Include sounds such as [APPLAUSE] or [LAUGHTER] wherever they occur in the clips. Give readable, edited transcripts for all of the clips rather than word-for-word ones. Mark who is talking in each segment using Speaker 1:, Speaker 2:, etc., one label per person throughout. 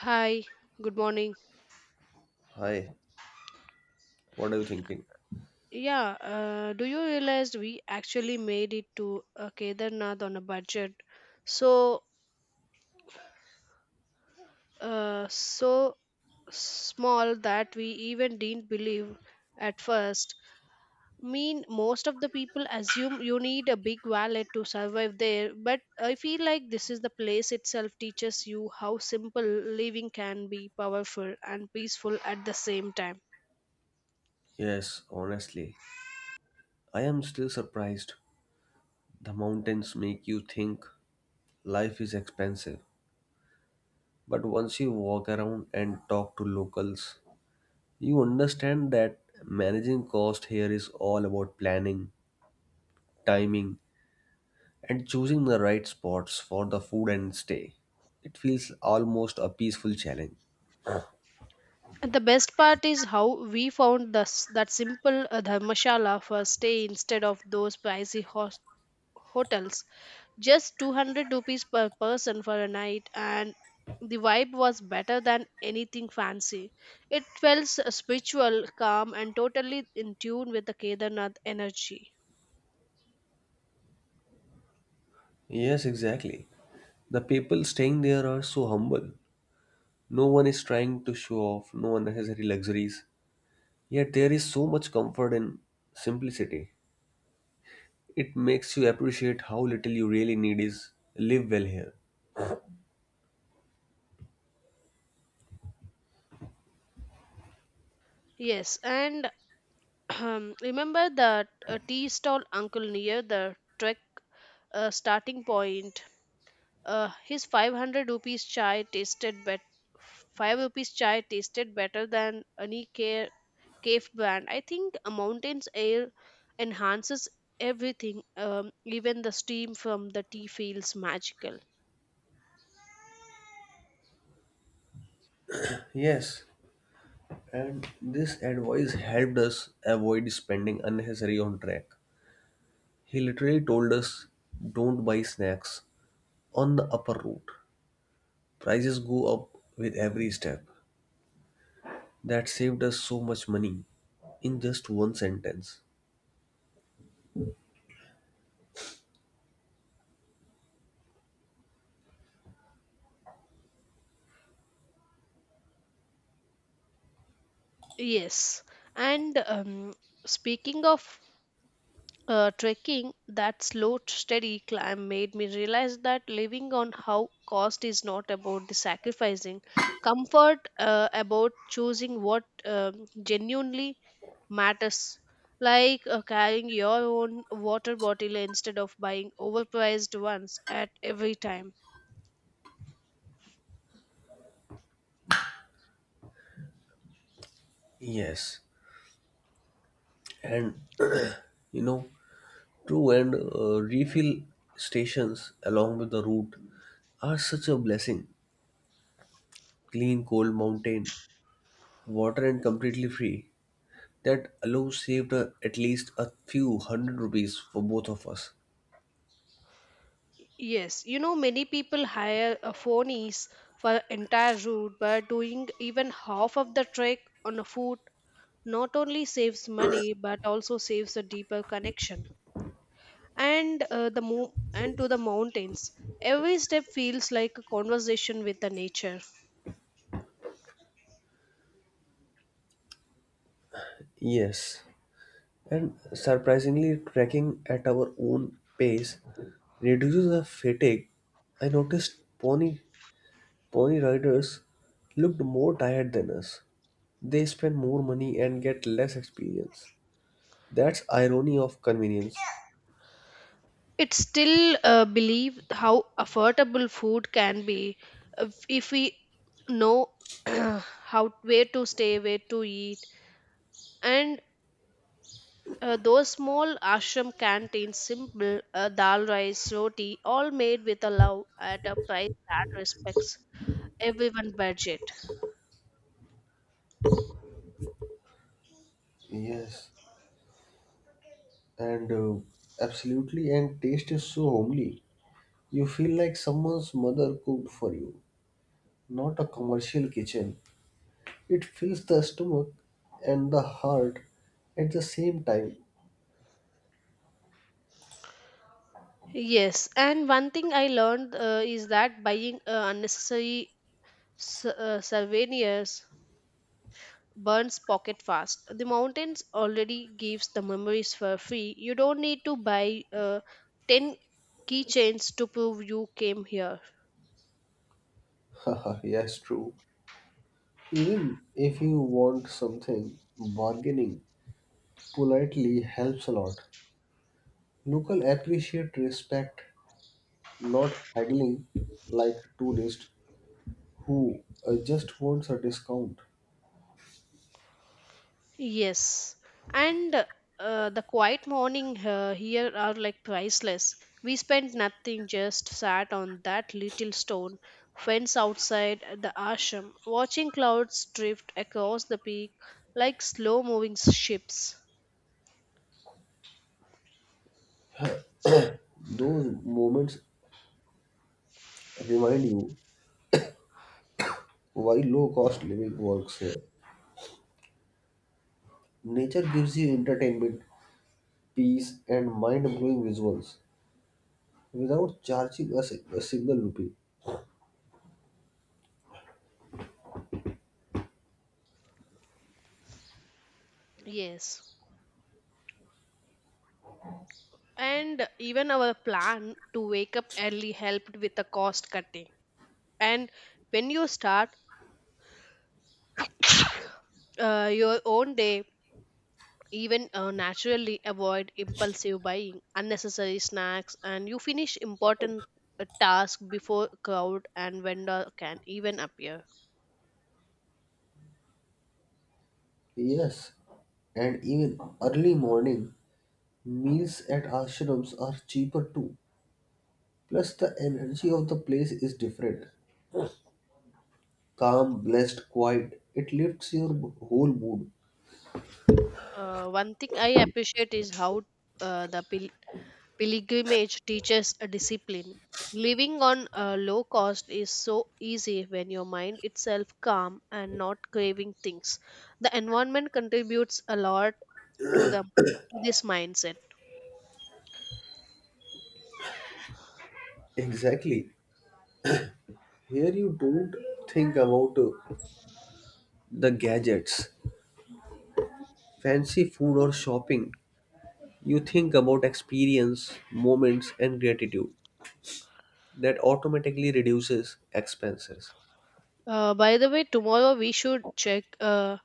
Speaker 1: Hi, good morning.
Speaker 2: Hi, what are you thinking?
Speaker 1: Yeah, do you realize we actually made it to Kedarnath on a budget? So, so small that we even didn't believe at first. Mean, most of the people assume you need a big wallet to survive there, but I feel like this is the place itself teaches you how simple living can be powerful and peaceful at the same time.
Speaker 2: Yes, honestly, I am still surprised. The mountains make you think life is expensive. But once you walk around and talk to locals, you understand that managing cost here is all about planning, timing, and choosing the right spots for the food and stay. It feels almost a peaceful challenge.
Speaker 1: And the best part is how we found this, that simple dharmashala for stay instead of those pricey hotels. Just 200 rupees per person for a night, and the vibe was better than anything fancy. It felt spiritual, calm, and totally in tune with the Kedarnath energy.
Speaker 2: Yes, exactly. The people staying there are so humble. No one is trying to show off, no unnecessary luxuries. Yet there is so much comfort in simplicity. It makes you appreciate how little you really need is live well here.
Speaker 1: Yes, and [CLEARS THROAT] remember that tea stall uncle near the trek starting point. His 500 rupees chai tasted bet 5 rupees chai tasted better than any care cave brand. I think a mountain's air enhances everything. Even the steam from the tea feels magical.
Speaker 2: Yes, and this advice helped us avoid spending unnecessary on track. He literally told us don't buy snacks on the upper route. Prices go up with every step. That saved us so much money in just one sentence.
Speaker 1: Yes. And speaking of trekking, that slow steady climb made me realize that living on how cost is not about the sacrificing comfort, about choosing what genuinely matters, like carrying your own water bottle instead of buying overpriced ones at every time.
Speaker 2: Yes, and [CLEARS THROAT] you know, true, and refill stations along with the route are such a blessing. Clean, cold mountain water and completely free. That alone saved at least a few hundred rupees for both of us.
Speaker 1: Yes, you know, many people hire a phonies for entire route, but doing even half of the trek on a foot not only saves money but also saves a deeper connection, and and to the mountains. Every step feels like a conversation with the nature.
Speaker 2: Yes, and surprisingly, trekking at our own pace reduces the fatigue. I noticed pony riders looked more tired than us. They spend more money and get less experience. That's irony of convenience.
Speaker 1: It's still believe how affordable food can be if we know [CLEARS THROAT] how, where to stay, where to eat, and those small ashram canteens, simple dal rice roti, all made with a love at a price that respects everyone budget.
Speaker 2: Yes, and absolutely, and taste is so homely. You feel like someone's mother cooked for you, not a commercial kitchen. It fills the stomach and the heart at the same time.
Speaker 1: Yes, and one thing I learned is that buying unnecessary souvenirs burns pocket fast. The mountains already gives the memories for free. You don't need to buy 10 keychains to prove you came here.
Speaker 2: [LAUGHS] Haha, yes, true. Even if you want something, bargaining politely helps a lot. Local appreciate respect, not haggling like tourists who just wants a discount.
Speaker 1: Yes, and the quiet morning here are like priceless. We spent nothing, just sat on that little stone fence outside the ashram, watching clouds drift across the peak like slow moving ships.
Speaker 2: Those moments remind you why low cost living works here. Nature gives you entertainment, peace, and mind blowing visuals without charging us a single rupee.
Speaker 1: Yes, and even our plan to wake up early helped with the cost cutting. And when you start [COUGHS] your own day, even naturally avoid impulsive buying unnecessary snacks, and you finish important task before crowd and vendor can even appear.
Speaker 2: Yes, and even early morning meals at ashrams are cheaper too. Plus, the energy of the place is different. Calm, blessed, quiet. It lifts your whole mood.
Speaker 1: One thing I appreciate is how uh, the pil- pilgrimage teaches a discipline. Living on a low cost is so easy when your mind itself calm and not craving things. The environment contributes a lot to the to this mindset.
Speaker 2: Exactly. Here you don't think about the gadgets, fancy food or shopping, you think about experience, moments, and gratitude. That automatically reduces expenses.
Speaker 1: By the way, tomorrow we should check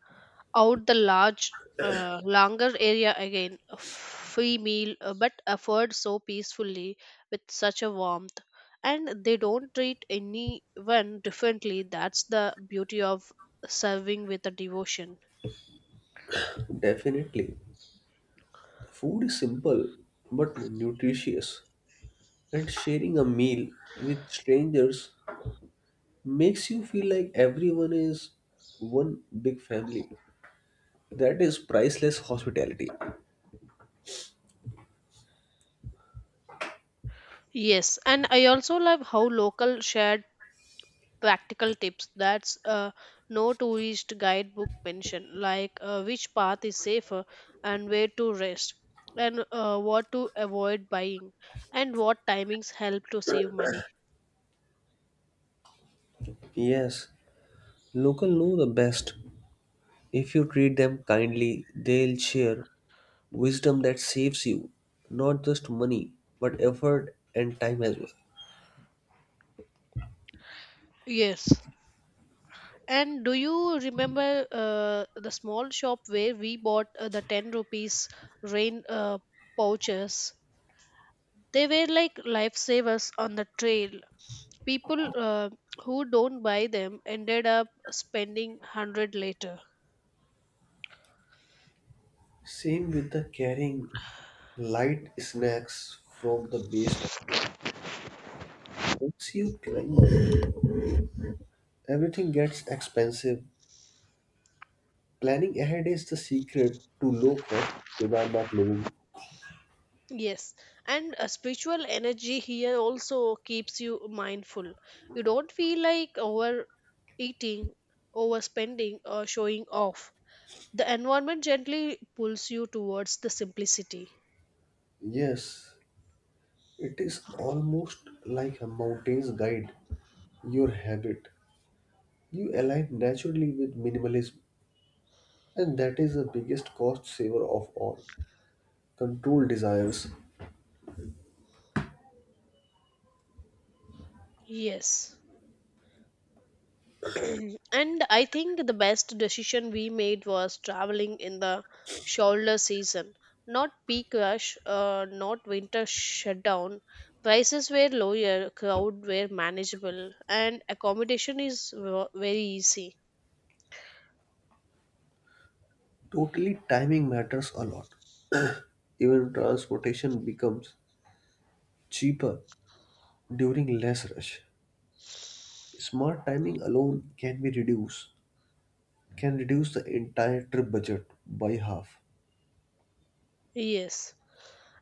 Speaker 1: out the large, longer area again. A free meal, but offered so peacefully with such a warmth. And they don't treat anyone differently. That's the beauty of serving with a devotion.
Speaker 2: Definitely, food is simple but nutritious, and sharing a meal with strangers makes you feel like everyone is one big family. That is priceless hospitality.
Speaker 1: Yes, and I also love how local shared practical tips, that's no tourist guidebook mention, like which path is safer, and where to rest, and what to avoid buying, and what timings help to save money.
Speaker 2: Yes, local know the best. If you treat them kindly, they'll share wisdom that saves you not just money, but effort and time as well.
Speaker 1: Yes, and do you remember uh, the small shop where we bought the 10 rupees rain pouches? They were like lifesavers on the trail. People who don't buy them ended up spending 100 later.
Speaker 2: Same with the carrying light snacks from the base stop. Once you climb up, everything gets expensive. Planning ahead is the secret to low cost Kedarnath living.
Speaker 1: Yes, and a spiritual energy here also keeps you mindful. You don't feel like overeating, overspending, or showing off. The environment gently pulls you towards the simplicity.
Speaker 2: Yes, it is almost like a mountain's guide, your habit. You align naturally with minimalism, and that is the biggest cost saver of all. Control desires.
Speaker 1: Yes. [CLEARS THROAT] And I think the best decision we made was traveling in the shoulder season, not peak rush, not winter shutdown. Prices were lower, crowd were manageable, and accommodation is very easy.
Speaker 2: Totally, timing matters a lot. [CLEARS THROAT] Even transportation becomes cheaper during less rush. Smart timing alone can be reduced, can reduce the entire trip budget by half.
Speaker 1: Yes,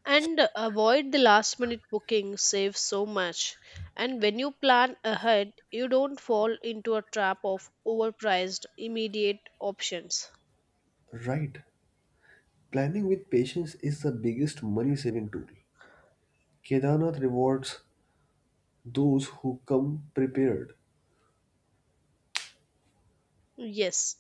Speaker 1: and avoid the last minute booking, save so much. And when you plan ahead, you don't fall into a trap of overpriced immediate options.
Speaker 2: Right. Planning with patience is the biggest money saving tool. Kedarnath rewards those who come prepared.
Speaker 1: Yes.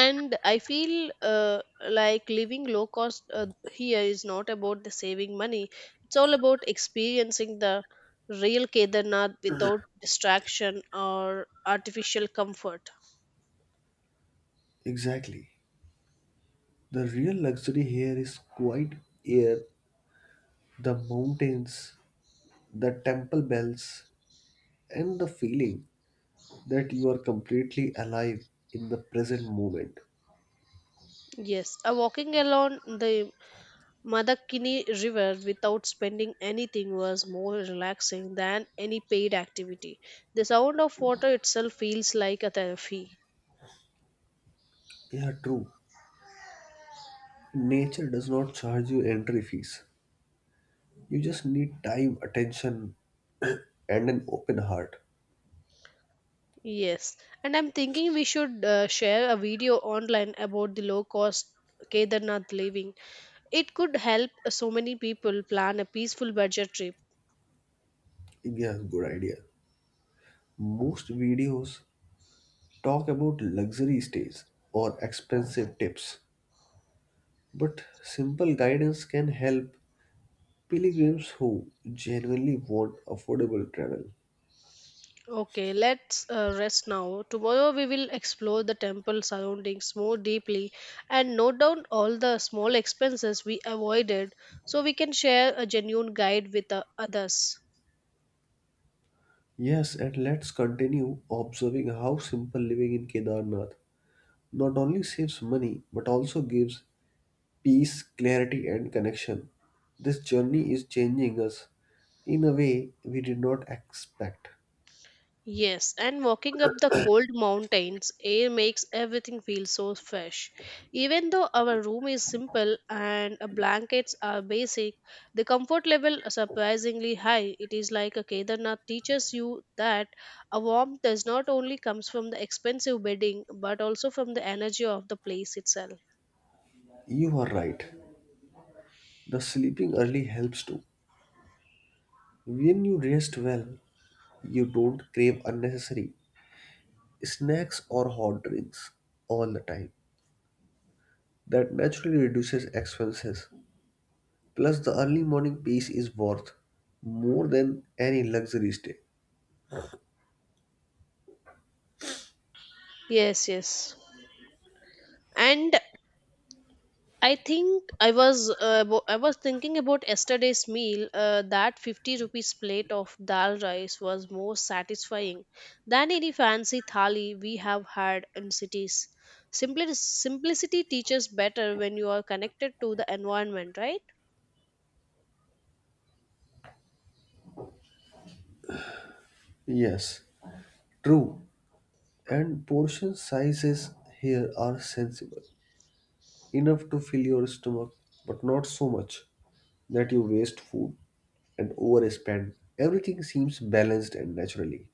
Speaker 1: And I feel like living low cost here is not about the saving money, it's all about experiencing the real Kedarnath without distraction or artificial comfort.
Speaker 2: Exactly. The real luxury here is quiet air, the mountains, the temple bells, and the feeling that you are completely alive in the present moment.
Speaker 1: Yes, walking along the madakini river without spending anything was more relaxing than any paid activity. The sound of water itself feels like a therapy.
Speaker 2: Yeah, true. Nature does not charge you entry fees. You just need time, attention, and an open heart.
Speaker 1: Yes, and I'm thinking we should share a video online about the low cost Kedarnath living. It could help so many people plan a peaceful budget trip.
Speaker 2: Yeah, good idea. Most videos talk about luxury stays or expensive tips, but simple guidance can help pilgrims who genuinely want affordable travel.
Speaker 1: Okay, let's rest now. Tomorrow we will explore the temple surroundings more deeply and note down all the small expenses we avoided, so we can share a genuine guide with others.
Speaker 2: Yes, and let's continue observing how simple living in Kedarnath not only saves money but also gives peace, clarity, and connection. This journey is changing us in a way we did not expect.
Speaker 1: Yes, and walking up the cold mountains air makes everything feel so fresh. Even though our room is simple and our blankets are basic, the comfort level is surprisingly high. It is like a Kedarnath teaches you that a warmth does not only comes from the expensive bedding but also from the energy of the place itself.
Speaker 2: You are right. The sleeping early helps too. When you rest well, you don't crave unnecessary snacks or hot drinks all the time. That naturally reduces expenses. Plus, the early morning peace is worth more than any luxury stay.
Speaker 1: Yes, yes. And I think I was thinking about yesterday's meal. That 50 rupees plate of dal rice was more satisfying than any fancy thali we have had in cities. Simplicity teaches better when you are connected to the environment, right?
Speaker 2: Yes, true. And portion sizes here are sensible, enough to fill your stomach, but not so much that you waste food and overspend. Everything seems balanced and naturally.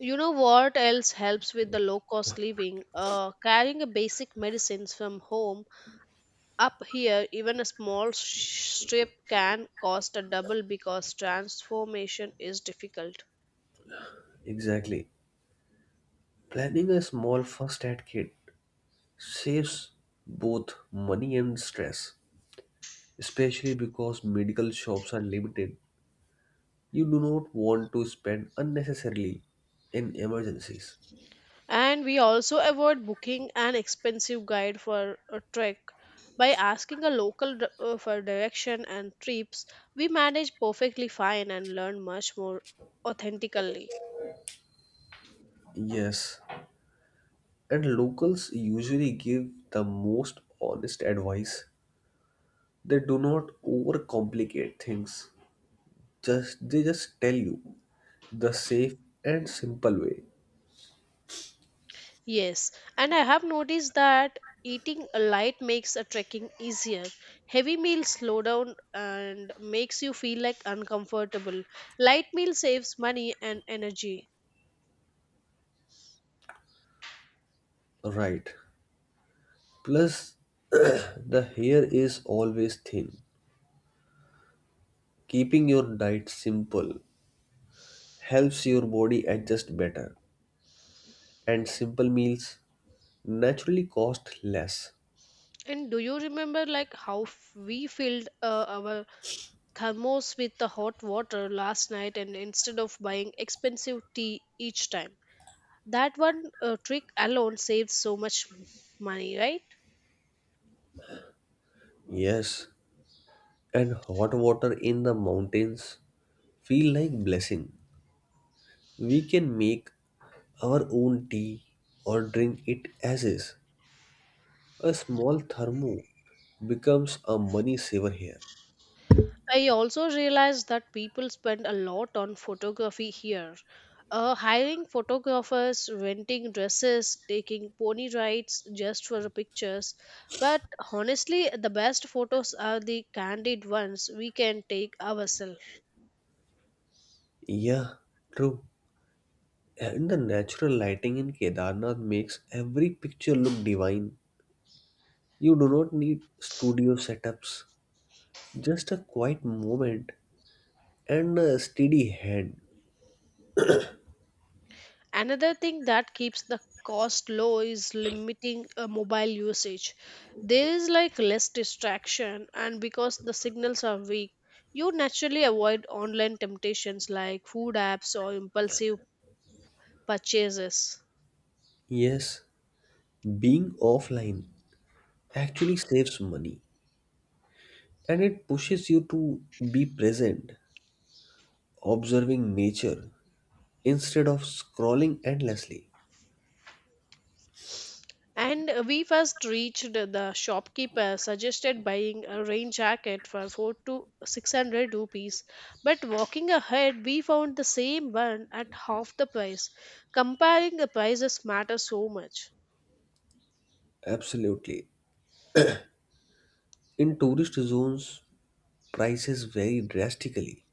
Speaker 1: You know what else helps with the low cost living? Carrying a basic medicines from home up here, even a small strip can cost a double because transformation is difficult.
Speaker 2: Exactly. Planning a small first aid kit saves both money and stress, especially because medical shops are limited. You do not want to spend unnecessarily in emergencies.
Speaker 1: And we also avoid booking an expensive guide for a trek. By asking a local for direction and trips, we manage perfectly fine and learn much more authentically.
Speaker 2: Yes, and locals usually give the most honest advice. They do not overcomplicate things. Just they just tell you the safe and simple way.
Speaker 1: Yes, and I have noticed that eating a light makes a trekking easier. Heavy meals slow down and makes you feel like uncomfortable. Light meal saves money and energy.
Speaker 2: Right. Plus [CLEARS THROAT] the hair is always thin. Keeping your diet simple helps your body adjust better. And simple meals naturally cost less.
Speaker 1: And do you remember like how we filled our thermos with the hot water last night, and instead of buying expensive tea each time, that one trick alone saves so much money, right?
Speaker 2: Yes. And hot water in the mountains feel like blessing. We can make our own tea or drink it as is. A small thermo becomes a money saver here.
Speaker 1: I also realized that people spend a lot on photography here, hiring photographers, renting dresses, taking pony rides just for the pictures. But honestly the best photos are the candid ones we can take ourselves.
Speaker 2: Yeah, true. And the natural lighting in Kedarnath makes every picture look divine. You do not need studio setups, just a quiet moment and a steady hand.
Speaker 1: Another thing that keeps the cost low is limiting mobile usage. There is like less distraction, and because the signals are weak, you naturally avoid online temptations like food apps or impulsive purchases.
Speaker 2: Yes, being offline actually saves money and it pushes you to be present, observing nature instead of scrolling endlessly.
Speaker 1: And we first reached the shopkeeper suggested buying a rain jacket for 4 to 600 rupees. But walking ahead, we found the same one at half the price. Comparing the prices matters so much.
Speaker 2: Absolutely. In tourist zones, prices vary drastically.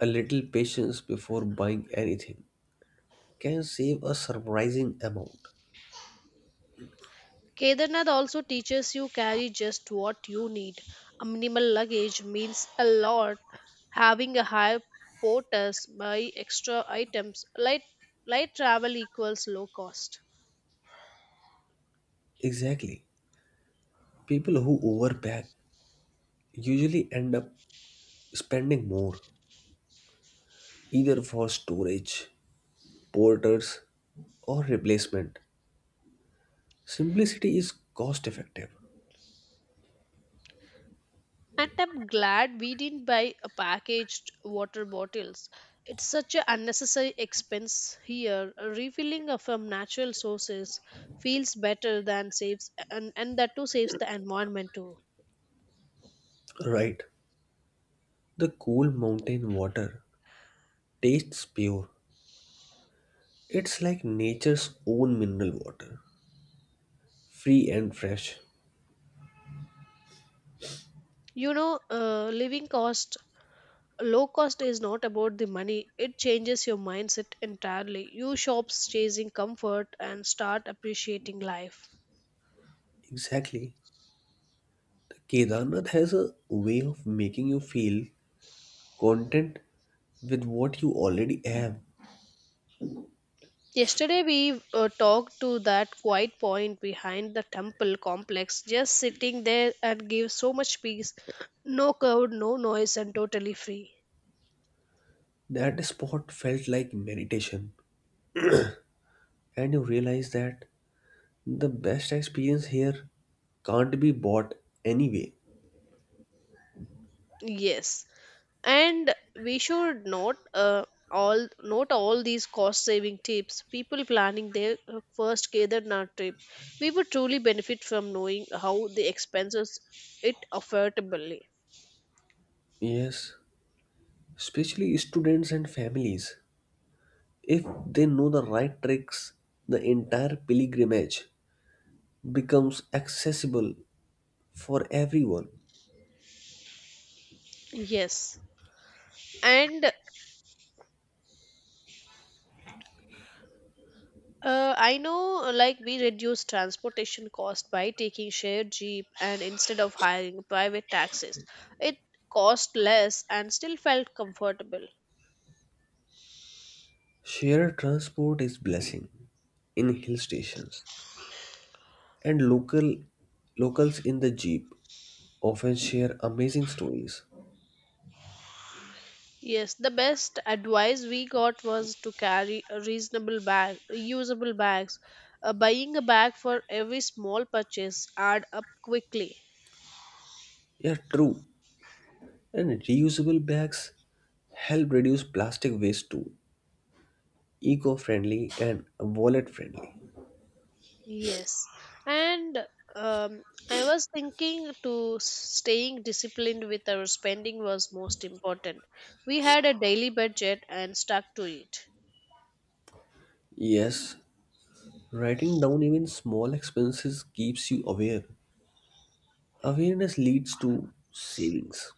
Speaker 2: A little patience before buying anything can save a surprising amount.
Speaker 1: Kedarnath also teaches you carry just what you need. A minimal luggage means a lot. Having a high porters buy extra items. Light travel equals low cost.
Speaker 2: Exactly. People who overpack usually end up spending more, either for storage, porters, or replacement. Simplicity is cost effective.
Speaker 1: And I'm glad we didn't buy a packaged water bottles. It's such an unnecessary expense here. Refilling from natural sources feels better than saves, and that too saves the environment too.
Speaker 2: Right. The cool mountain water tastes pure. It's like nature's own mineral water, free and fresh.
Speaker 1: You know, living cost low cost is not about the money, it changes your mindset entirely. You shops chasing comfort and start appreciating life.
Speaker 2: Exactly. The Kedarnath has a way of making you feel content with what you already have.
Speaker 1: Yesterday we talked to that quiet point behind the temple complex, just sitting there and gives so much peace. No crowd, no noise, and totally free.
Speaker 2: That spot felt like meditation, and you realize that the best experience here can't be bought anyway.
Speaker 1: Yes, and we should note all these cost saving tips. People planning their first Kedarnath trip, we would truly benefit from knowing how the expenses it affordably.
Speaker 2: Yes, especially students and families. If they know the right tricks, the entire pilgrimage becomes accessible for everyone.
Speaker 1: Yes, and I know like we reduce transportation cost by taking shared jeep and instead of hiring private taxis. It cost less and still felt comfortable.
Speaker 2: Shared transport is blessing in hill stations, and locals in the jeep often share amazing stories.
Speaker 1: Yes, the best advice we got was to carry a reasonable bag, reusable bags. Buying a bag for every small purchase add up quickly.
Speaker 2: Yeah, true. And reusable bags help reduce plastic waste too, eco-friendly and wallet-friendly.
Speaker 1: Yes, and um, I was thinking to staying disciplined with our spending was most important. We had a daily budget and stuck to it.
Speaker 2: Yes, writing down even small expenses keeps you aware. Awareness leads to savings.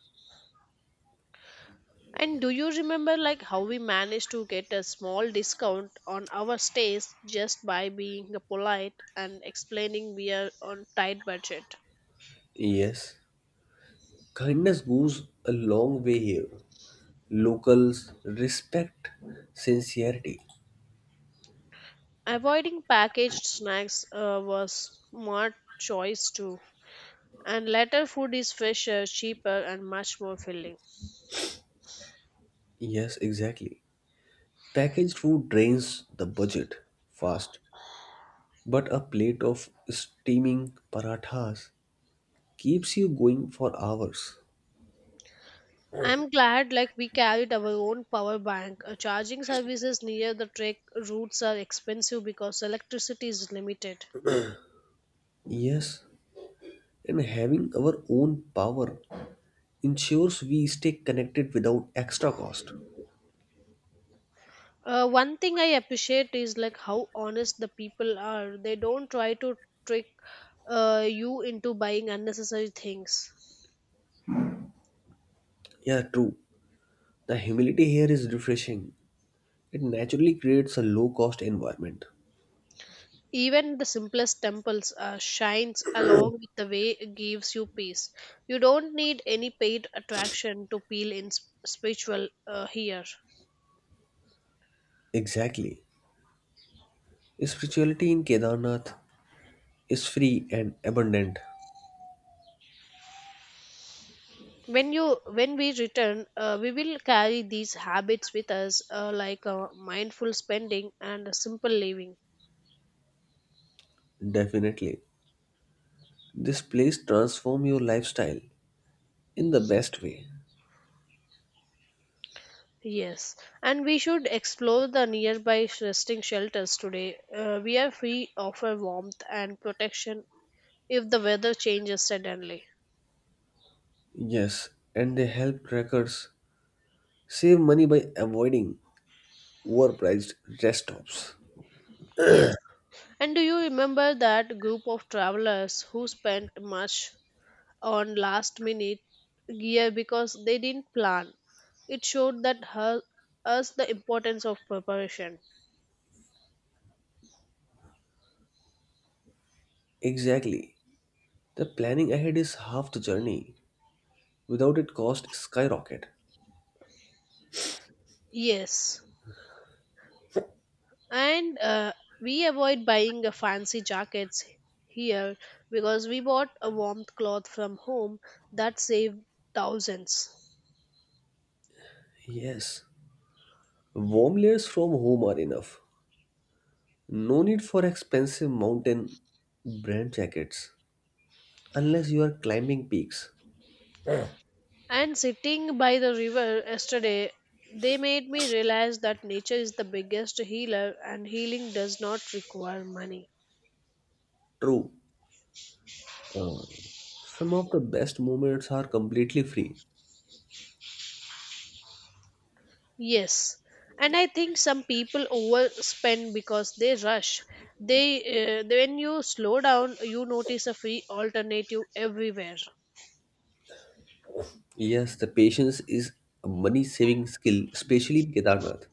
Speaker 1: And do you remember like how we managed to get a small discount on our stays just by being polite and explaining we are on tight budget?
Speaker 2: Yes, kindness goes a long way here. Locals respect sincerity.
Speaker 1: Avoiding packaged snacks was smart choice too. And later food is fresher, cheaper and much more filling.
Speaker 2: Yes, exactly. Packaged food drains the budget fast, but a plate of steaming parathas keeps you going for hours.
Speaker 1: I'm glad like we carried our own power bank. Charging services near the trek routes are expensive because electricity is limited.
Speaker 2: Yes, and having our own power ensures we stay connected without extra cost.
Speaker 1: One thing I appreciate is like how honest the people are. They don't try to trick you into buying unnecessary things.
Speaker 2: Yeah, true. The humility here is refreshing. It naturally creates a low cost environment.
Speaker 1: Even the simplest temples shines along with the way it gives you peace. You don't need any paid attraction to feel in spiritual here.
Speaker 2: Exactly. Spirituality in Kedarnath is free and abundant.
Speaker 1: When we return, we will carry these habits with us, like mindful spending and simple living.
Speaker 2: Definitely. This place transform your lifestyle in the best way.
Speaker 1: Yes, and we should explore the nearby resting shelters today. We are free offer warmth and protection if the weather changes suddenly.
Speaker 2: Yes, and they help trackers save money by avoiding overpriced rest stops.
Speaker 1: Yes. And do you remember that group of travelers who spent much on last minute gear because they didn't plan? It showed that her, us the importance of preparation.
Speaker 2: Exactly. The planning ahead is half the journey. Without it cost skyrocket.
Speaker 1: Yes. And we avoid buying fancy jackets here because we bought a warmth cloth from home that saved thousands.
Speaker 2: Yes. Warm layers from home are enough. No need for expensive mountain brand jackets unless you are climbing peaks.
Speaker 1: And sitting by the river yesterday, they made me realize that nature is the biggest healer and healing does not require money.
Speaker 2: True. Some of the best moments are completely free.
Speaker 1: Yes, and I think some people overspend because they rush. They When you slow down, you notice a free alternative everywhere.
Speaker 2: Yes, the patience is a money saving skill, especially in Kedarnath.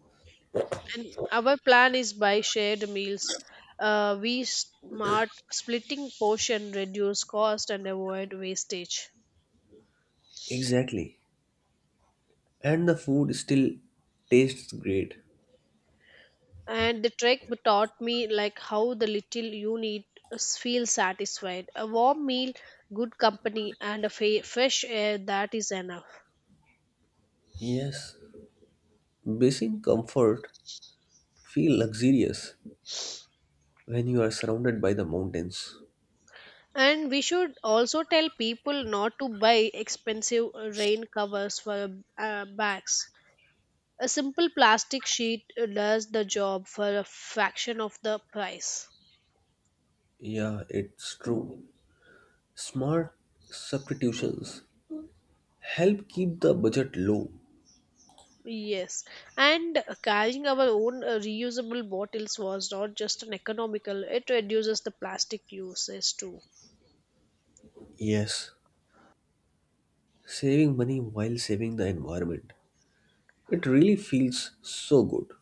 Speaker 1: And our plan is by shared meals. We smart splitting portion reduce cost and avoid wastage.
Speaker 2: Exactly. And the food still tastes great.
Speaker 1: And the trek taught me like how the little you need feel satisfied. A warm meal, good company, and a fresh air, that is enough.
Speaker 2: Yes. Basic comfort feel luxurious when you are surrounded by the mountains.
Speaker 1: And we should also tell people not to buy expensive rain covers for bags. A simple plastic sheet does the job for a fraction of the price.
Speaker 2: Yeah, it's true. Smart substitutions help keep the budget low.
Speaker 1: Yes, and carrying our own reusable bottles was not just an economical, it reduces the plastic uses too.
Speaker 2: Yes, saving money while saving the environment. It really feels so good.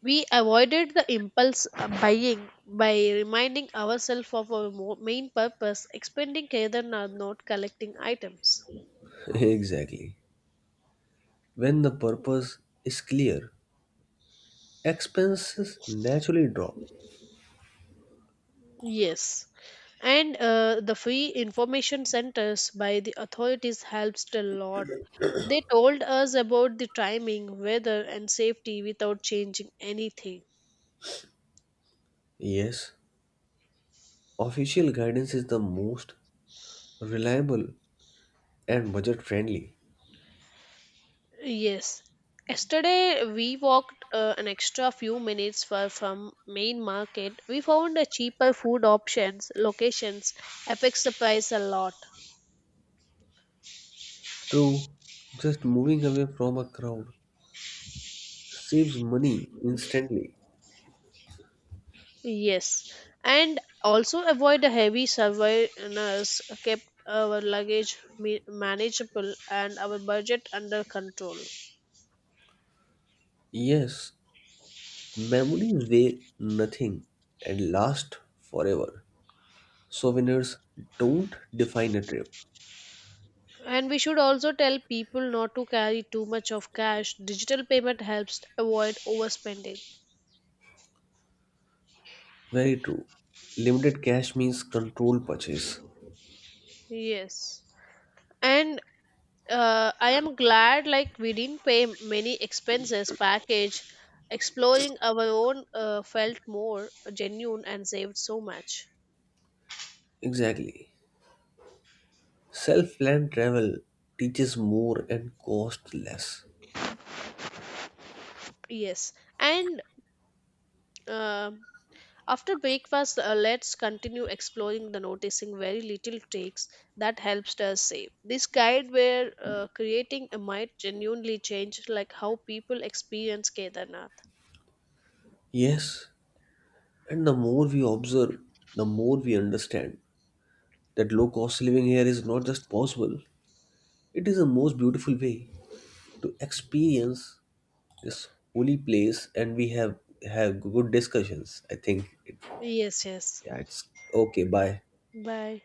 Speaker 1: We avoided the impulse buying by reminding ourselves of our main purpose, expending rather than not collecting items.
Speaker 2: Exactly. When the purpose is clear, expenses naturally drop.
Speaker 1: Yes, and the free information centers by the authorities helped a lot. They told us about the timing, weather, and safety without changing anything.
Speaker 2: Yes, official guidance is the most reliable and budget friendly.
Speaker 1: Yes. Yesterday we walked an extra few minutes far from main market. We found a cheaper food options, locations, affects the price a lot.
Speaker 2: True, just moving away from a crowd saves money instantly.
Speaker 1: Yes. And also avoid the heavy surveillance kept our luggage manageable and our budget under control.
Speaker 2: Yes, memories weigh nothing and last forever. Souvenirs don't define a trip.
Speaker 1: And we should also tell people not to carry too much of cash. Digital payment helps avoid overspending.
Speaker 2: Very true. Limited cash means controlled purchase.
Speaker 1: Yes. And I am glad like we didn't pay many expenses package. Exploring our own felt more genuine and saved so much.
Speaker 2: Exactly. Self planned travel teaches more and costs less.
Speaker 1: Yes, and uh, after breakfast, let's continue exploring the noticing very little takes that helps us save. This guide we're creating might genuinely change like how people experience Kedarnath.
Speaker 2: Yes, and the more we observe, the more we understand that low cost living here is not just possible, it is the most beautiful way to experience this holy place and we have good discussions. I think it,
Speaker 1: Yes, yes.
Speaker 2: yeah, it's okay, bye.
Speaker 1: Bye.